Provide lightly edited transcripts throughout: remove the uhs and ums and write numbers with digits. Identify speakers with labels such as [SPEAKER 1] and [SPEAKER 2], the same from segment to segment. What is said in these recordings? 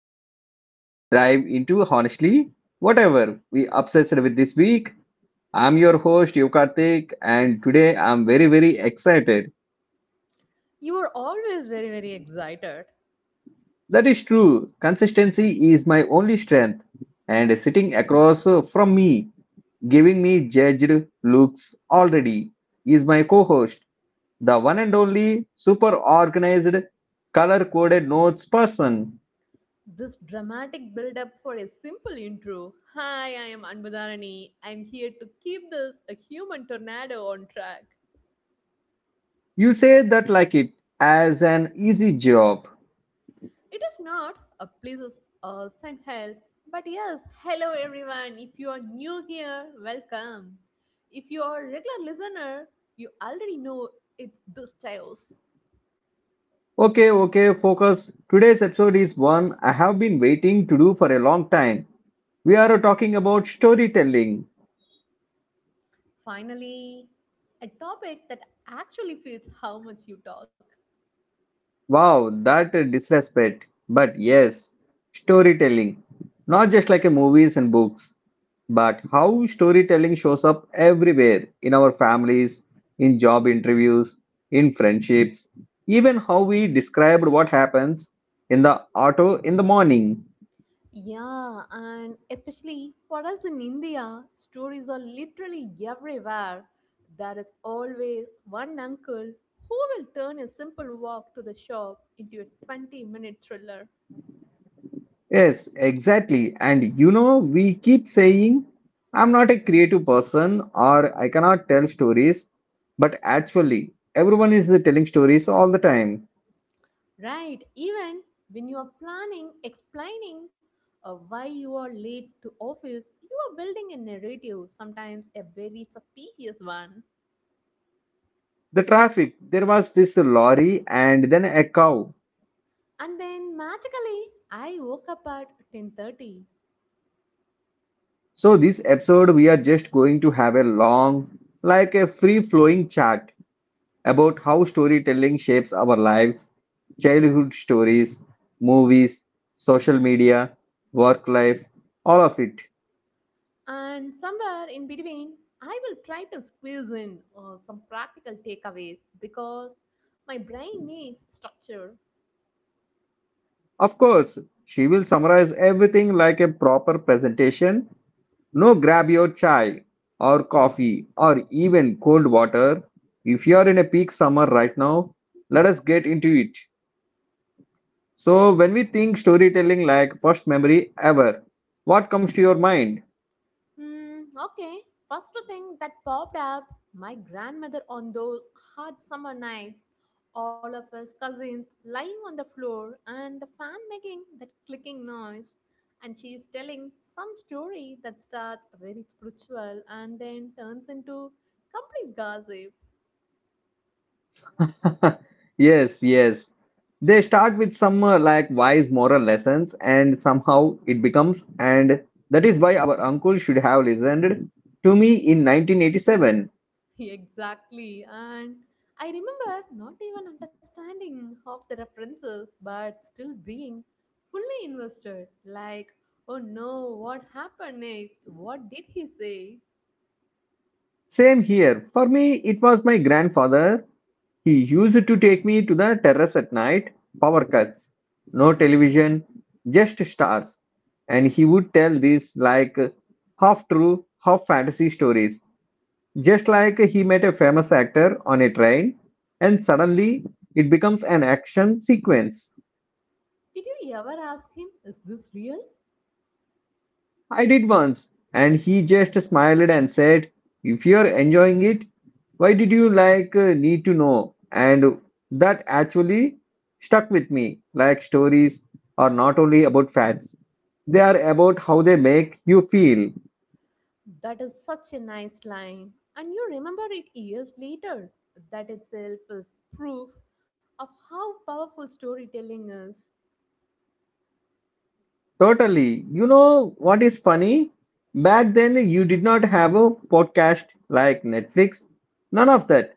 [SPEAKER 1] where we deep dive into honestly whatever we obsessed with this week. I'm your host Yukartik and today I'm very very excited.
[SPEAKER 2] You are always very, very excited.
[SPEAKER 1] That is true. Consistency is my only strength and sitting across from me giving me judged looks already is my co-host, the one and only super organized color coded notes person.
[SPEAKER 2] This dramatic build up for a simple intro. Hi, I am Anbudharani. I'm here to keep this a human tornado on track.
[SPEAKER 1] You say that like it as an easy job.
[SPEAKER 2] It is not a pleases us and help, but yes, hello everyone. If you are new here, welcome. If you are a regular listener, you already know it's this chaos.
[SPEAKER 1] Okay, okay, focus. Today's episode is one I have been waiting to do for a long time. We are talking about storytelling.
[SPEAKER 2] Finally, a topic that actually fits how much you talk.
[SPEAKER 1] Wow, that disrespect. But yes, storytelling. Not just like a movies and books, but how storytelling shows up everywhere in our families, in job interviews, in friendships, even how we described what happens in the auto in the morning.
[SPEAKER 2] Yeah, and especially for us in India, stories are literally everywhere. There is always one uncle who will turn a simple walk to the shop into a 20-minute thriller.
[SPEAKER 1] Yes, exactly. And we keep saying, I'm not a creative person or I cannot tell stories, but actually, everyone is telling stories all the time.
[SPEAKER 2] Right, even when you are planning, explaining why you are late to office, you are building a narrative, sometimes a very suspicious one.
[SPEAKER 1] The traffic, there was this lorry and then a cow.
[SPEAKER 2] And then magically, I woke up at 10:30.
[SPEAKER 1] So, this episode, we are just going to have a long, like a free flowing chat about how storytelling shapes our lives, childhood stories, movies, social media, work life, all of it.
[SPEAKER 2] And somewhere in between, I will try to squeeze in some practical takeaways because my brain needs structure.
[SPEAKER 1] Of course, she will summarize everything like a proper presentation. No grab your chai or coffee or even cold water. If you are in a peak summer right now, let us get into it. So, when we think storytelling like first memory ever, what comes to your mind?
[SPEAKER 2] Okay, first thing that popped up, my grandmother on those hot summer nights, all of us cousins lying on the floor, and the fan making that clicking noise. And she is telling some story that starts very spiritual and then turns into complete gossip.
[SPEAKER 1] Yes, yes. They start with some like wise moral lessons and somehow it becomes and that is why our uncle should have listened to me in 1987.
[SPEAKER 2] Exactly. And I remember not even understanding half the references, but still being fully invested. Like, oh no, what happened next? What did he say?
[SPEAKER 1] Same here. For me, it was my grandfather. He used to take me to the terrace at night, power cuts, no television, just stars. And he would tell these like half true, half fantasy stories. Just like he met a famous actor on a train, and suddenly it becomes an action sequence.
[SPEAKER 2] Did you ever ask him, is this real?
[SPEAKER 1] I did once, and he just smiled and said, If you're enjoying it, why did you like need to know? And that actually stuck with me. Like stories are not only about facts, they are about how they make you feel.
[SPEAKER 2] That is such a nice line. And you remember it years later. That itself is proof of how powerful storytelling is.
[SPEAKER 1] Totally. You know what is funny? Back then, you did not have a podcast like Netflix, none of that.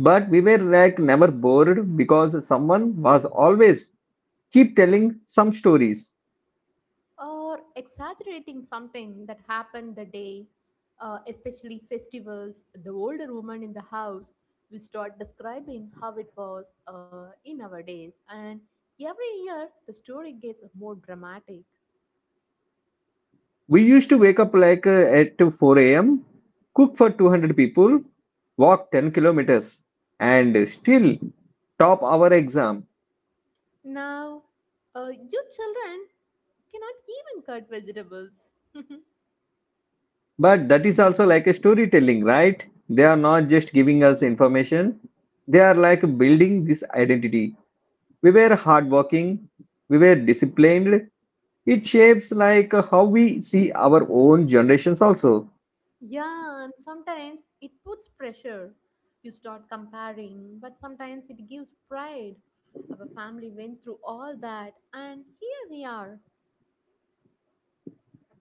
[SPEAKER 1] But we were like never bored because someone was always keep telling some stories.
[SPEAKER 2] Or exaggerating something that happened the day, especially festivals, the older woman in the house will start describing how it was in our days. And every year, the story gets more dramatic.
[SPEAKER 1] We used to wake up like at 4 a.m., cook for 200 people, walk 10 kilometers, and still top our exam.
[SPEAKER 2] Now, you children cannot even cut vegetables.
[SPEAKER 1] But that is also like a storytelling, right? They are not just giving us information, they are like building this identity. We were hardworking, we were disciplined. It shapes like how we see our own generations also.
[SPEAKER 2] Yeah, and sometimes it puts pressure. You start comparing, but sometimes it gives pride. Our family went through all that, and here we are.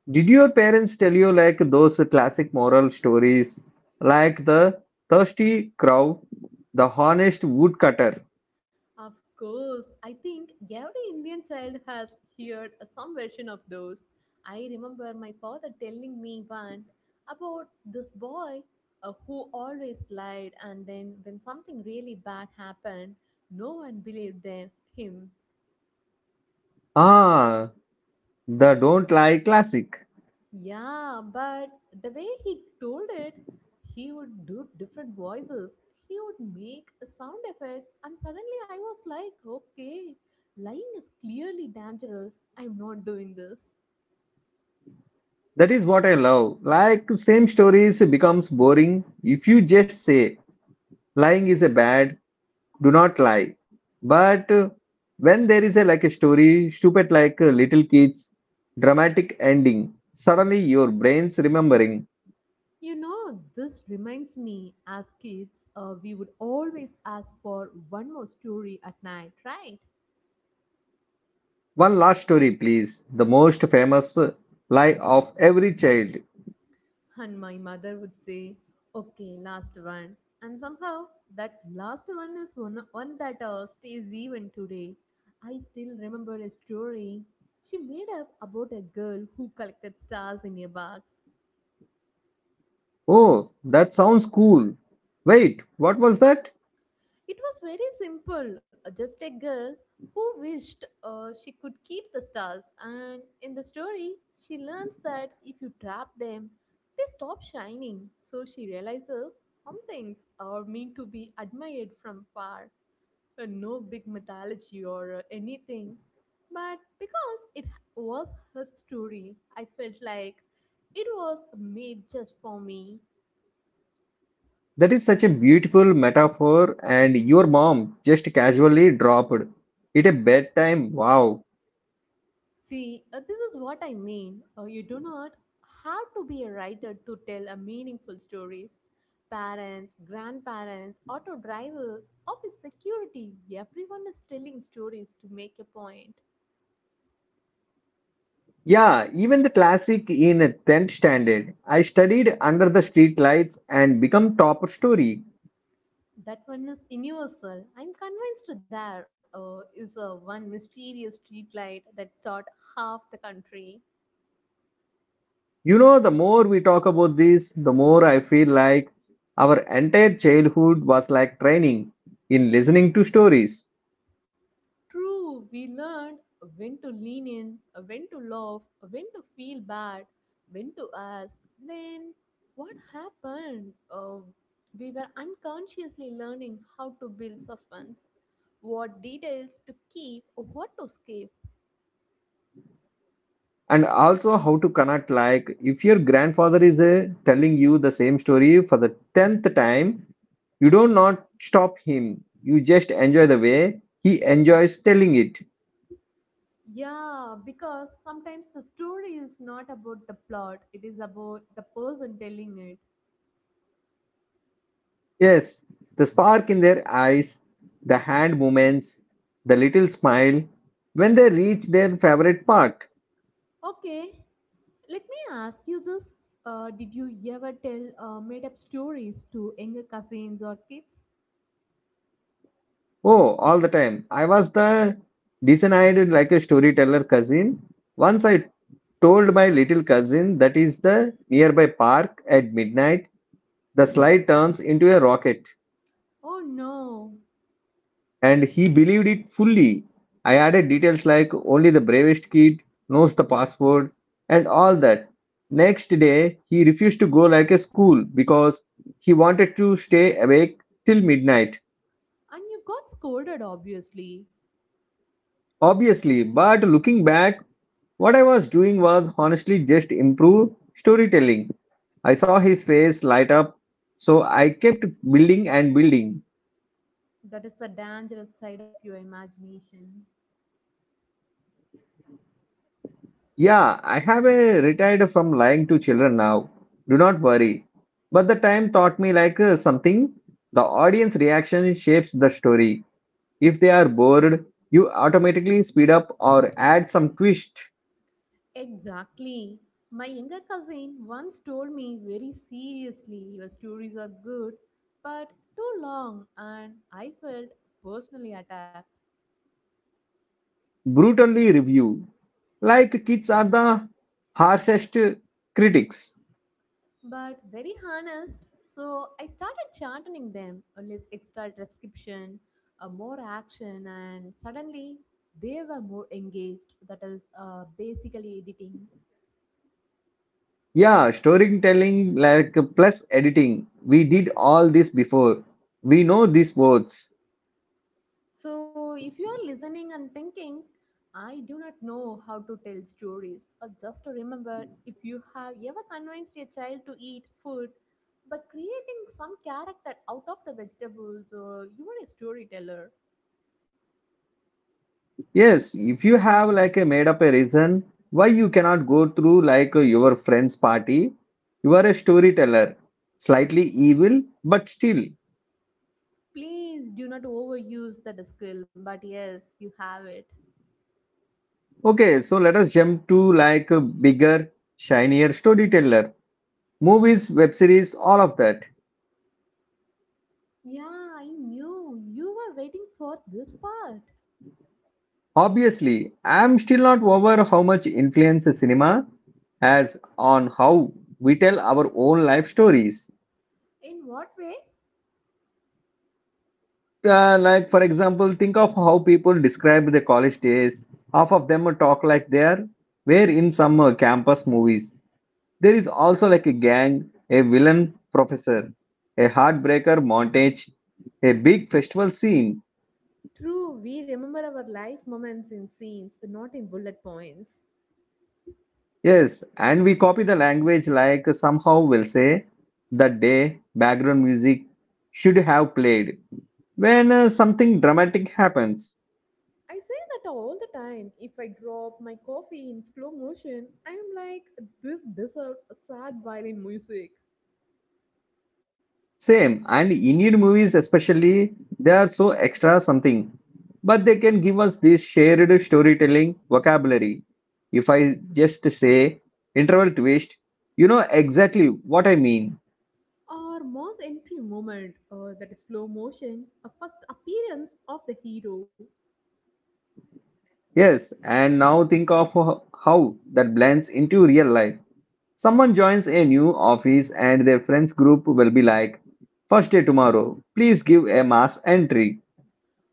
[SPEAKER 1] Did your parents tell you like those classic moral stories, like the thirsty crow, the honest woodcutter?
[SPEAKER 2] Of course, I think every Indian child has heard some version of those. I remember my father telling me one about this boy who always lied, and then when something really bad happened, no one believed him.
[SPEAKER 1] Ah, the don't lie classic.
[SPEAKER 2] Yeah, but the way he told it, he would do different voices. He would make sound effects, and suddenly I was like, okay, lying is clearly dangerous. I'm not doing this.
[SPEAKER 1] That is what I love. Like same stories becomes boring if you just say lying is a bad, do not lie. But when there is a like a story, stupid like little kids, dramatic ending, suddenly your brain's remembering.
[SPEAKER 2] You know, this reminds me as kids, we would always ask for one more story at night, right?
[SPEAKER 1] One last story, please. The most famous lie of every child.
[SPEAKER 2] And my mother would say, okay, last one. And somehow that last one is one that stays even today. I still remember a story she made up about a girl who collected stars in a box.
[SPEAKER 1] Oh, that sounds cool. Wait, what was that?
[SPEAKER 2] It was very simple, just a girl who wished she could keep the stars. And in the story, she learns that if you trap them, they stop shining. So she realizes some things are meant to be admired from far. No big mythology or anything. But because it was her story, I felt like it was made just for me.
[SPEAKER 1] That is such a beautiful metaphor, and your mom just casually dropped it at bedtime. Wow.
[SPEAKER 2] See, this is what I mean. You do not have to be a writer to tell a meaningful stories. Parents, grandparents, auto drivers, office security, everyone is telling stories to make a point.
[SPEAKER 1] Yeah, even the classic in 10th standard. I studied under the streetlights and become top story.
[SPEAKER 2] That one is universal. I'm convinced there is a one mysterious street light that taught half the country.
[SPEAKER 1] You know, the more we talk about this, the more I feel like our entire childhood was like training in listening to stories
[SPEAKER 2] True, we learned when to lean in, when to love, when to feel bad, when to ask. Then, what happened? We were unconsciously learning how to build suspense, what details to keep, what to skip.
[SPEAKER 1] and also how to connect. Like, if your grandfather is telling you the same story for the 10th time, you don't not stop him. You just enjoy the way he enjoys telling it.
[SPEAKER 2] Yeah, because sometimes the story is not about the plot, it is about the person telling it.
[SPEAKER 1] Yes, the spark in their eyes, the hand movements, the little smile when they reach their favorite part.
[SPEAKER 2] Okay, let me ask you this. Did you ever tell made up stories to younger cousins or kids?
[SPEAKER 1] Oh, all the time. I was the designated like a storyteller cousin. Once I told my little cousin that is the nearby park at midnight, the slide turns into a rocket,
[SPEAKER 2] Oh no,
[SPEAKER 1] and he believed it fully. I added details like only the bravest kid knows the password and all that. Next day, he refused to go like a school because he wanted to stay awake till midnight.
[SPEAKER 2] and you got scolded, obviously.
[SPEAKER 1] Obviously, but looking back, what I was doing was honestly just improve storytelling. I saw his face light up, so I kept building and building.
[SPEAKER 2] That is the dangerous side of your imagination.
[SPEAKER 1] Yeah, I have a retired from lying to children now. Do not worry. But the time taught me like something. The audience reaction shapes the story. If they are bored, you automatically speed up or add some twist.
[SPEAKER 2] Exactly. My younger cousin once told me very seriously your stories are good, but too long, and I felt personally attacked.
[SPEAKER 1] Brutally review. Like kids are the harshest critics.
[SPEAKER 2] But very honest. So I started chanting them, a less extra transcription, a more action, and suddenly they were more engaged. That is basically editing.
[SPEAKER 1] Yeah, storytelling like plus editing. We did all this before. We know these words.
[SPEAKER 2] So if you are listening and thinking, I do not know how to tell stories, or just to remember if you have ever convinced a child to eat food by creating some character out of the vegetables, or you are a storyteller.
[SPEAKER 1] Yes, if you have like a made up a reason why you cannot go through like your friend's party, you are a storyteller. Slightly evil, but still.
[SPEAKER 2] Please do not overuse that skill, but yes, you have it.
[SPEAKER 1] Okay, so let us jump to like a bigger, shinier storyteller. Movies, web series, all of that.
[SPEAKER 2] Yeah, I knew you were waiting for this part.
[SPEAKER 1] Obviously, I'm still not over how much influence cinema has on how we tell our own life stories.
[SPEAKER 2] In what way?
[SPEAKER 1] Like, for example, think of how people describe their college days. Half of them talk like they are were in some campus movies. There is also like a gang, a villain professor, a heartbreaker montage, a big festival scene.
[SPEAKER 2] True, we remember our life moments in scenes, not in bullet points.
[SPEAKER 1] Yes, and we copy the language like somehow we'll say the day background music should have played when something dramatic happens.
[SPEAKER 2] I say that all the time. If I drop my coffee in slow motion, I'm like, this deserves a sad violin music.
[SPEAKER 1] Same, and Indian movies especially, they are so extra something, but they can give us this shared storytelling vocabulary. If I just say interval twist, you know exactly what I mean.
[SPEAKER 2] Or Moss entry moment, or that slow motion, a first appearance of the hero.
[SPEAKER 1] Yes, and now think of how that blends into real life. Someone joins a new office and their friends group will be like, First day tomorrow, please give a mass entry.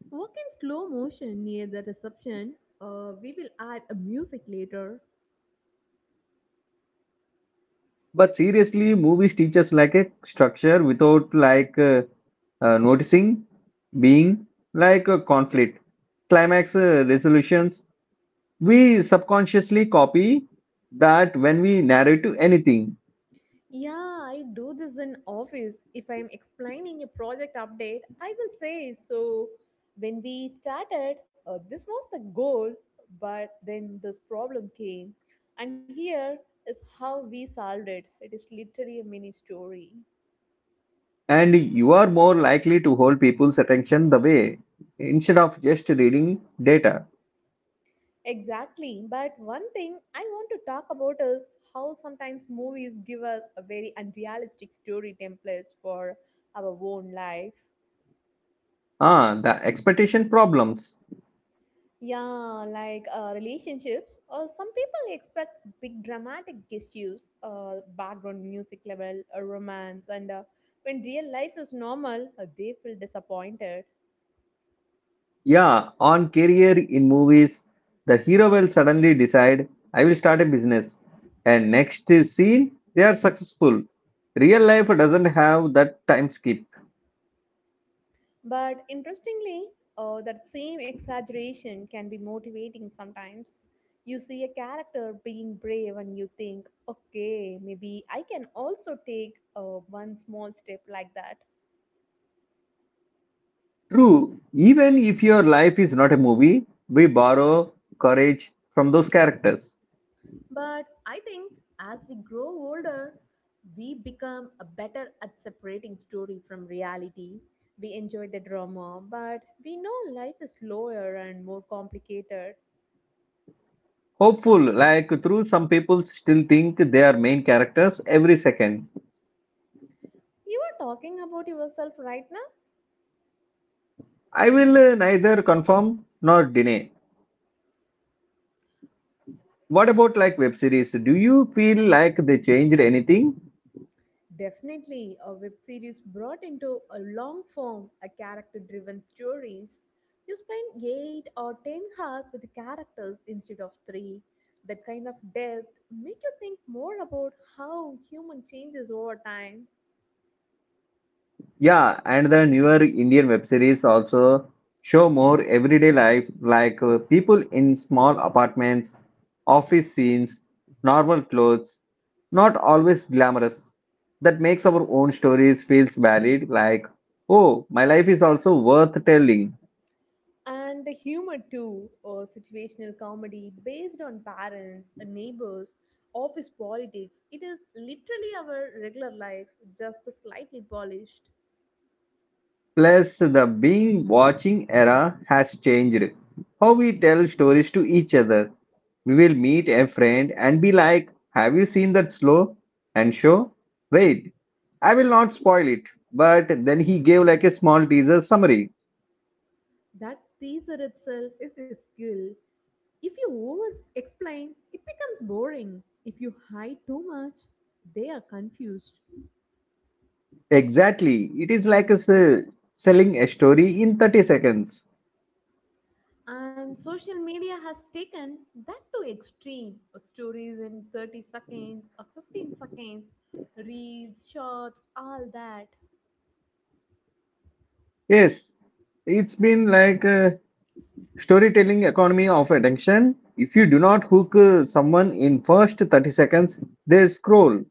[SPEAKER 2] Work in slow motion near the reception. We will add a music later.
[SPEAKER 1] But seriously, movies teach us like a structure without like noticing being like a conflict, climax resolutions. We subconsciously copy that when we narrate to anything,
[SPEAKER 2] Yeah, I do this in office. If I'm explaining a project update, I will say, so when we started, this was the goal, but then this problem came. And here is how we solved it. It is literally a mini story.
[SPEAKER 1] and you are more likely to hold people's attention the way instead of just reading data.
[SPEAKER 2] Exactly. But one thing I want to talk about is how sometimes movies give us a very unrealistic story templates for our own life.
[SPEAKER 1] Ah, the expectation problems.
[SPEAKER 2] Yeah, like relationships. Some people expect big dramatic gestures, background music level, a romance, and when real life is normal, they feel disappointed.
[SPEAKER 1] Yeah, on career in movies, the hero will suddenly decide, I will start a business. And next scene, they are successful. Real life doesn't have that time skip.
[SPEAKER 2] But interestingly, that same exaggeration can be motivating sometimes. You see a character being brave, and you think, okay, maybe I can also take one small step like that.
[SPEAKER 1] True, even if your life is not a movie, we borrow courage from those characters.
[SPEAKER 2] But I think as we grow older, we become a better at separating story from reality. We enjoy the drama, but we know life is slower and more complicated.
[SPEAKER 1] Hopeful, like through some people still think they are main characters every second.
[SPEAKER 2] You are talking about yourself right now.
[SPEAKER 1] I will neither confirm nor deny. What about like web series? Do you feel like they changed anything?
[SPEAKER 2] Definitely, a web series brought into a long form, a character driven stories. You spend 8 or 10 hours with the characters instead of 3. That kind of depth make you think more about how human changes over time.
[SPEAKER 1] Yeah, and the newer Indian web series also show more everyday life, like people in small apartments, office scenes, normal clothes, not always glamorous. That makes our own stories feels valid, like, oh, my life is also worth telling.
[SPEAKER 2] And the humor too, or situational comedy based on parents, neighbors, office politics. It is literally our regular life, just slightly polished.
[SPEAKER 1] Plus, the being watching era has changed how we tell stories to each other. We will meet a friend and be like, Have you seen that slow and show? Wait, I will not spoil it. But then he gave like a small teaser summary.
[SPEAKER 2] That teaser itself is a skill. If you over explain, it becomes boring. If you hide too much, they are confused.
[SPEAKER 1] Exactly. It is like a selling a story in 30 seconds.
[SPEAKER 2] And social media has taken that to extreme. Stories in 30 seconds or 15 seconds, reels, shorts, all that.
[SPEAKER 1] Yes, it's been like a storytelling economy of attention. If you do not hook someone in first 30 seconds, they scroll.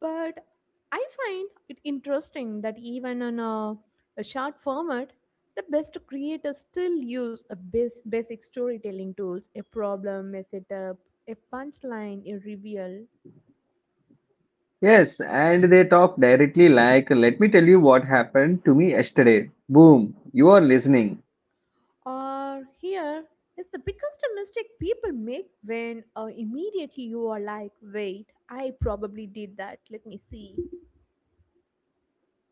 [SPEAKER 2] But I find it interesting that even on a short format, the best creators still use a basic storytelling tools, a problem, a setup, a punchline, a reveal.
[SPEAKER 1] Yes, and they talk directly like, let me tell you what happened to me yesterday. Boom, you are listening.
[SPEAKER 2] Or here is the biggest mistake people make when immediately you are like, wait, I probably did that. Let me see.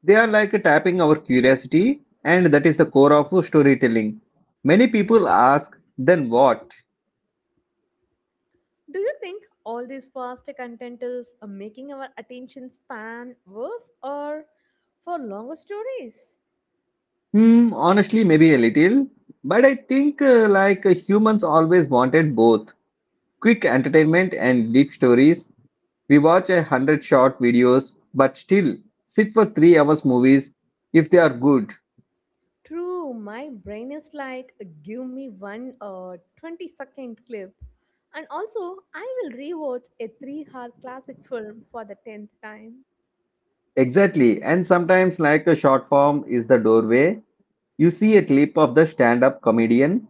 [SPEAKER 1] They are like tapping our curiosity, and that is the core of storytelling. Many people ask, then what?
[SPEAKER 2] Do you think all this faster content is making our attention span worse or for longer stories?
[SPEAKER 1] Honestly, maybe a little. But I think like humans always wanted both quick entertainment and deep stories. We watch 100 short videos, but still sit for 3 hours movies if they are good.
[SPEAKER 2] True, my brain is like, give me one 20-second clip. And also, I will rewatch a 3-hour classic film for the 10th time.
[SPEAKER 1] Exactly. And sometimes, like a short form is the doorway, you see a clip of the stand up comedian,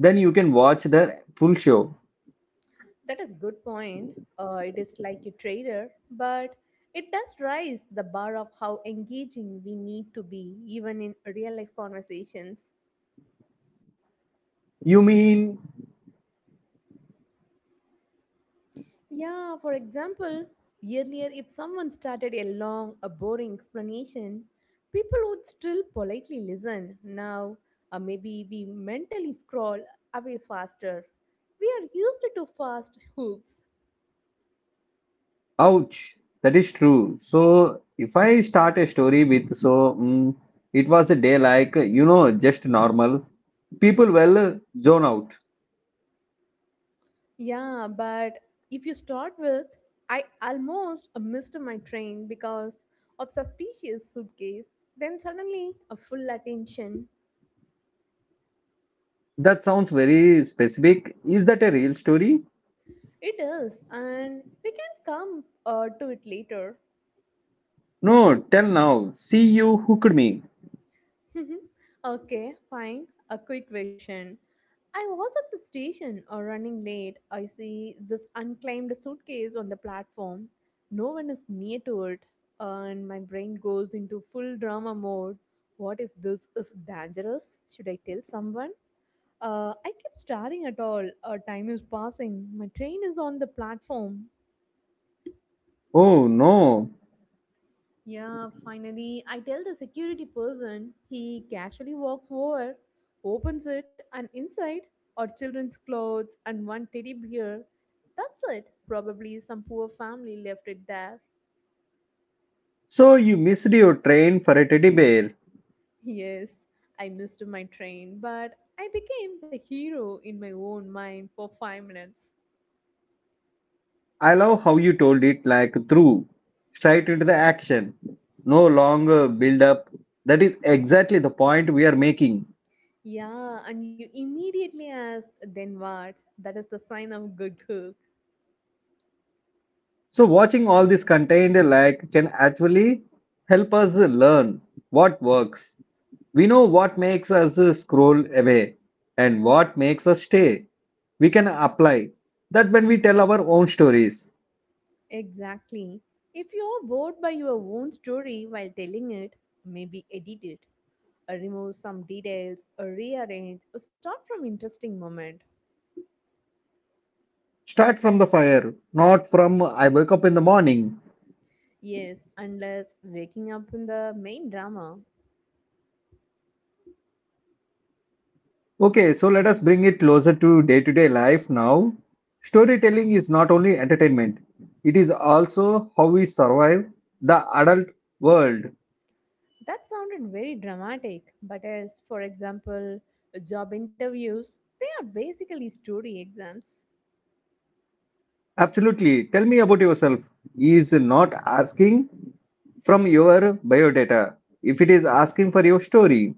[SPEAKER 1] then you can watch the full show.
[SPEAKER 2] That is good point. It is like a trader, but it does raise the bar of how engaging we need to be, even in real life conversations.
[SPEAKER 1] You mean,
[SPEAKER 2] Yeah, for example, earlier if someone started a long, a boring explanation, people would still politely listen. Now, maybe we mentally scroll away faster. We are used to fast hooks.
[SPEAKER 1] ouch, that is true. So, if I start a story with, so it was a day like, just normal, people will zone out.
[SPEAKER 2] Yeah, but if you start with, I almost missed my train because of suspicious suitcase, then suddenly a full attention.
[SPEAKER 1] That sounds very specific. Is that a real story?
[SPEAKER 2] It is, and we can come to it later.
[SPEAKER 1] No, tell now. See, you hooked me.
[SPEAKER 2] Okay, fine. A quick question. I was at the station or running late. I see this unclaimed suitcase on the platform. No one is near to it, and my brain goes into full drama mode. What if this is dangerous? Should I tell someone? I keep staring at all. Time is passing. My train is on the platform.
[SPEAKER 1] Oh, no.
[SPEAKER 2] Yeah, finally, I tell the security person. He casually walks over, opens it, and inside are children's clothes and one teddy bear. That's it. Probably some poor family left it there.
[SPEAKER 1] So, you missed your train for a teddy bear.
[SPEAKER 2] Yes, I missed my train, but I became the hero in my own mind for 5 minutes.
[SPEAKER 1] I love how you told it like through, straight into the action, no longer build up. That is exactly the point we are making.
[SPEAKER 2] Yeah, and you immediately ask, then what? That is the sign of good girl.
[SPEAKER 1] So, watching all this contained like can actually help us learn what works. We know what makes us scroll away and what makes us stay. We can apply that when we tell our own stories.
[SPEAKER 2] Exactly. If you're bored by your own story while telling it, maybe edit it, or remove some details, or rearrange, or start from interesting moment.
[SPEAKER 1] Start from the fire, not from I wake up in the morning.
[SPEAKER 2] Yes, unless waking up in the main drama.
[SPEAKER 1] Okay, so let us bring it closer to day life now. Storytelling is not only entertainment, it is also how we survive the adult world.
[SPEAKER 2] That sounded very dramatic, but as for example, job interviews, they are basically story exams.
[SPEAKER 1] Absolutely. Tell me about yourself. Is not asking from your biodata. If it is asking for your story,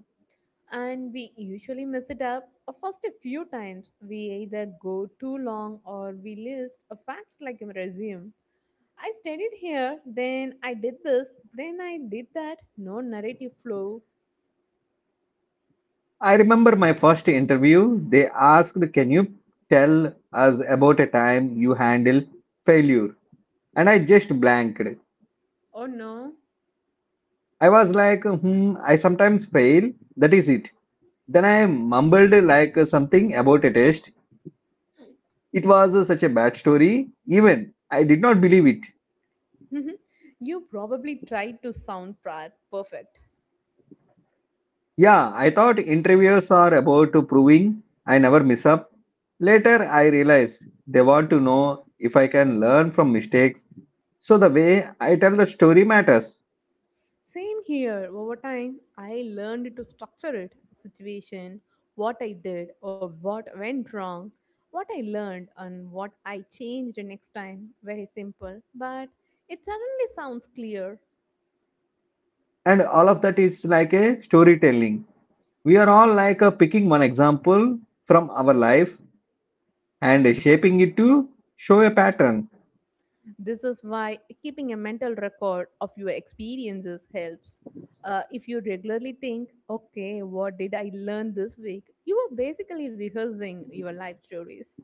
[SPEAKER 2] And we usually mess it up first a few times. We either go too long or we list a facts like a resume, I studied here, then I did this, then I did that. No narrative flow.
[SPEAKER 1] I remember my first interview. They asked, "Can you tell us about a time you handle failure?" And I just blanked.
[SPEAKER 2] Oh no.
[SPEAKER 1] I was like, hmm, I sometimes fail. That is it. Then I mumbled like something about a test. It was such a bad story. Even I did not believe it.
[SPEAKER 2] You probably tried to sound perfect.
[SPEAKER 1] Yeah, I thought interviewers are about proving I never miss up. Later, I realized they want to know if I can learn from mistakes. So the way I tell the story matters,
[SPEAKER 2] Same here. Over time, I learned to structure it situation, what I did or what went wrong, what I learned and what I changed next time. Very simple, but it suddenly sounds clear.
[SPEAKER 1] and all of that is like a storytelling. We are all like picking one example from our life and shaping it to show a pattern.
[SPEAKER 2] This is why keeping a mental record of your experiences helps. If you regularly think, okay, what did I learn this week? You are basically rehearsing your life stories.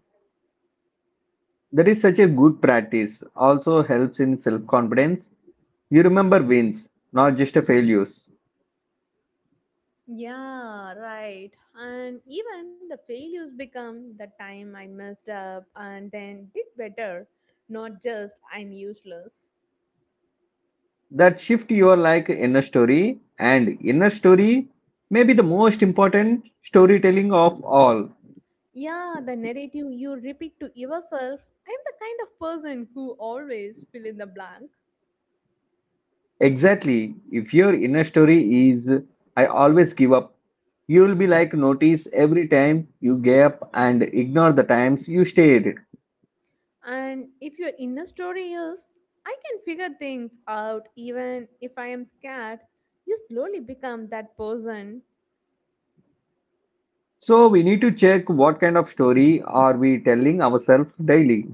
[SPEAKER 1] That is such a good practice. Also helps in self confidence. You remember wins, not just a failures.
[SPEAKER 2] Yeah, right. And even the failures become the time I messed up and then did better, not just I'm useless.
[SPEAKER 1] That shift your like inner story and inner story may be the most important storytelling of all.
[SPEAKER 2] Yeah, the narrative you repeat to yourself I'm the kind of person who always fill in the blank.
[SPEAKER 1] Exactly. If your inner story is I always give up, you will be like notice every time you gave up and ignore the times you stayed.
[SPEAKER 2] And if your inner story is, I can figure things out even if I am scared, you slowly become that person.
[SPEAKER 1] So we need to check what kind of story are we telling ourselves daily.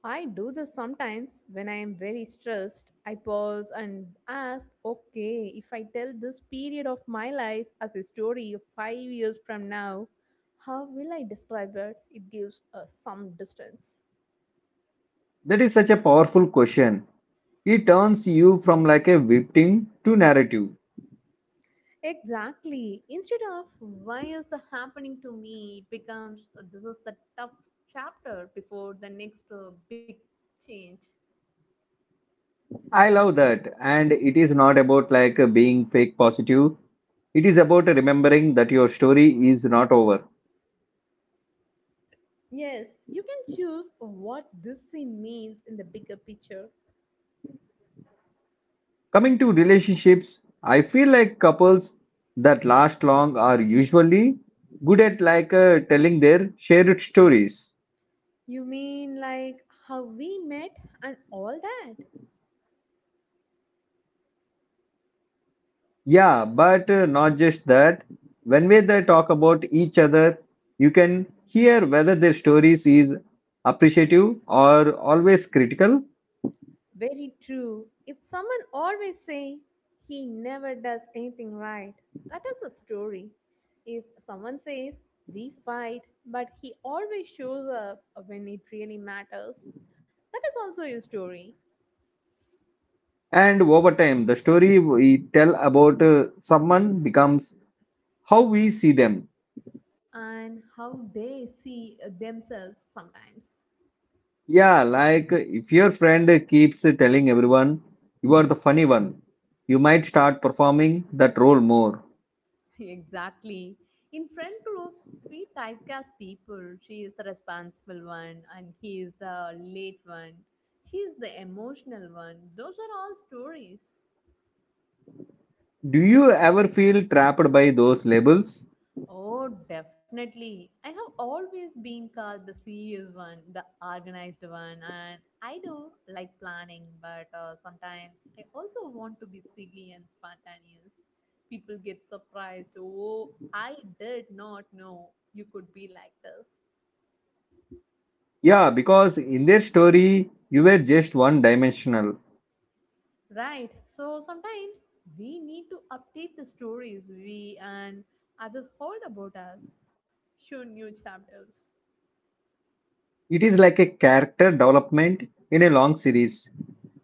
[SPEAKER 2] I do this sometimes when I am very stressed. I pause and ask, okay, if I tell this period of my life as a story of 5 years from now, how will I describe it? It gives us some distance.
[SPEAKER 1] That is such a powerful question. It turns you from like a victim to narrative.
[SPEAKER 2] Exactly. Instead of why is the happening to me, it becomes this is the tough chapter before the next big change.
[SPEAKER 1] I love that and it is not about like being fake positive. It is about remembering that your story is not over.
[SPEAKER 2] Yes, you can choose what this scene means in the bigger picture.
[SPEAKER 1] Coming to relationships, I feel like couples that last long are usually good at like telling their shared stories.
[SPEAKER 2] You mean like how we met and all that?
[SPEAKER 1] Yeah, but not just that. When we they talk about each other, you can hear whether their stories is appreciative or always critical.
[SPEAKER 2] Very true. If someone always say he never does anything right, that is a story. If someone says we fight but he always shows up when it really matters, that is also a story
[SPEAKER 1] And over time, the story we tell about someone becomes how we see them.
[SPEAKER 2] and how they see themselves sometimes.
[SPEAKER 1] Yeah, like if your friend keeps telling everyone you are the funny one, you might start performing that role more.
[SPEAKER 2] Exactly. In friend groups, we typecast people. She is the responsible one, and he is the late one. She is the emotional one. Those are all stories.
[SPEAKER 1] Do you ever feel trapped by those labels?
[SPEAKER 2] Oh, definitely. I have always been called the serious one, the organized one, and I do like planning, but sometimes I also want to be silly and spontaneous. People get surprised. Oh, I did not know you could be like this.
[SPEAKER 1] Yeah, because in their story, you were just one dimensional.
[SPEAKER 2] Right. So sometimes we need to update the stories we and others hold about us, show new chapters.
[SPEAKER 1] It is like a character development in a long series.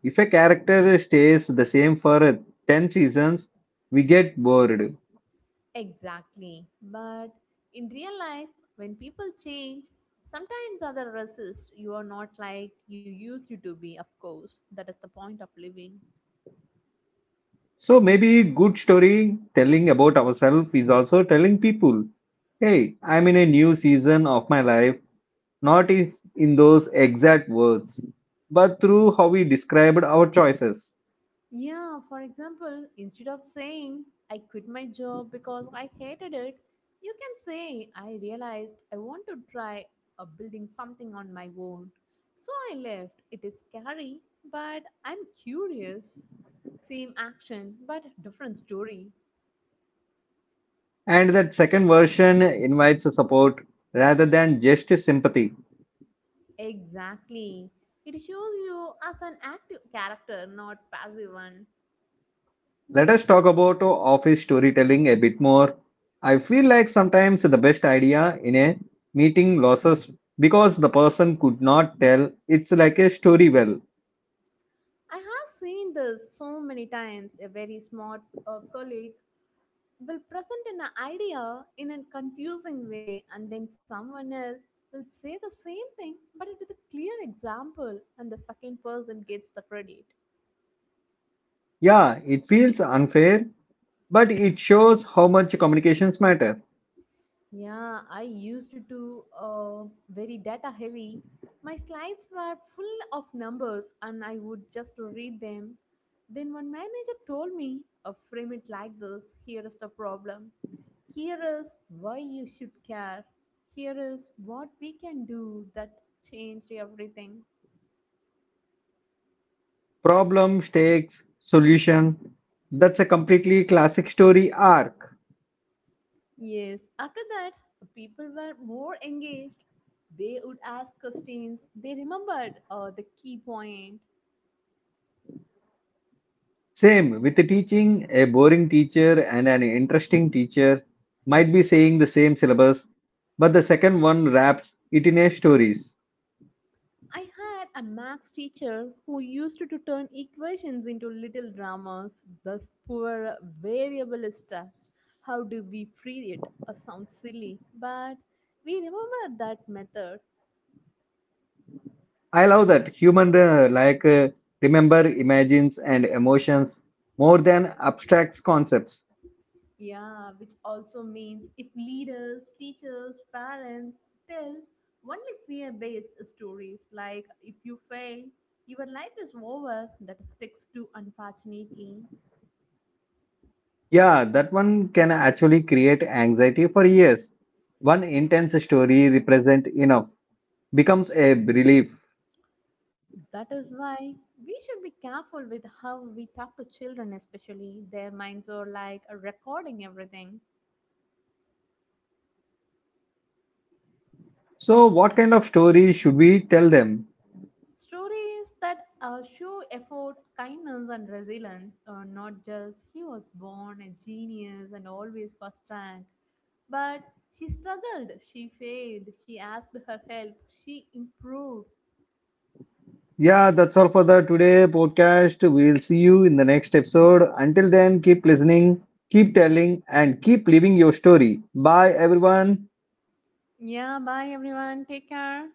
[SPEAKER 1] If a character stays the same for 10 seasons, we get bored.
[SPEAKER 2] Exactly. But in real life, when people change, sometimes others resist. You are not like you used to be, of course. That is the point of living.
[SPEAKER 1] So maybe good story telling about ourselves is also telling people, hey, I'm in a new season of my life, not in those exact words, but through how we described our choices.
[SPEAKER 2] Yeah, for example, instead of saying, I quit my job because I hated it, you can say, I realized I want to try building something on my own. So I left. It is scary, but I'm curious. Same action, but different story.
[SPEAKER 1] And that second version invites support rather than just sympathy.
[SPEAKER 2] Exactly. It shows you as an active character, not passive one.
[SPEAKER 1] Let us talk about office storytelling a bit more. I feel like sometimes the best idea in a meeting loses because the person could not tell. It's like a story well.
[SPEAKER 2] I have seen this so many times. A very smart colleague will present an idea in a confusing way and then someone else will say the same thing but with a clear example and the second person gets the credit.
[SPEAKER 1] Yeah, it feels unfair, but it shows how much communications matter.
[SPEAKER 2] Yeah, I used to do very data heavy. My slides were full of numbers and I would just read them. Then one manager told me, frame it like this. Here is the problem. Here is why you should care. Here is what we can do. That changed everything.
[SPEAKER 1] Problem, stakes, solution. That's a completely classic story arc.
[SPEAKER 2] Yes, after that, people were more engaged. They would ask questions. They remembered the key point.
[SPEAKER 1] Same with the teaching, a boring teacher and an interesting teacher might be saying the same syllabus, but the second one wraps it in a stories.
[SPEAKER 2] I had a max teacher who used to turn equations into little dramas. This poor variable is stuck. How do we free it? Sounds silly, but we remember that method.
[SPEAKER 1] I love that human remember imagines and emotions more than abstract concepts.
[SPEAKER 2] Yeah, which also means if leaders, teachers, parents tell only fear based stories like if you fail, your life is over, that sticks to unfortunately.
[SPEAKER 1] Yeah, that one can actually create anxiety for years. One intense story represent enough becomes a relief.
[SPEAKER 2] That is why we should be careful with how we talk to children, especially their minds are like recording everything.
[SPEAKER 1] So, what kind of story should we tell them?
[SPEAKER 2] Stories that show effort, kindness, and resilience are not just he was born a genius and always first rank, but she struggled, she failed, she asked her help, she improved.
[SPEAKER 1] Yeah, that's all for the today podcast. We'll see you in the next episode. Until then, keep listening, keep telling, and keep living your story. Bye, everyone.
[SPEAKER 2] Yeah, bye everyone, take care.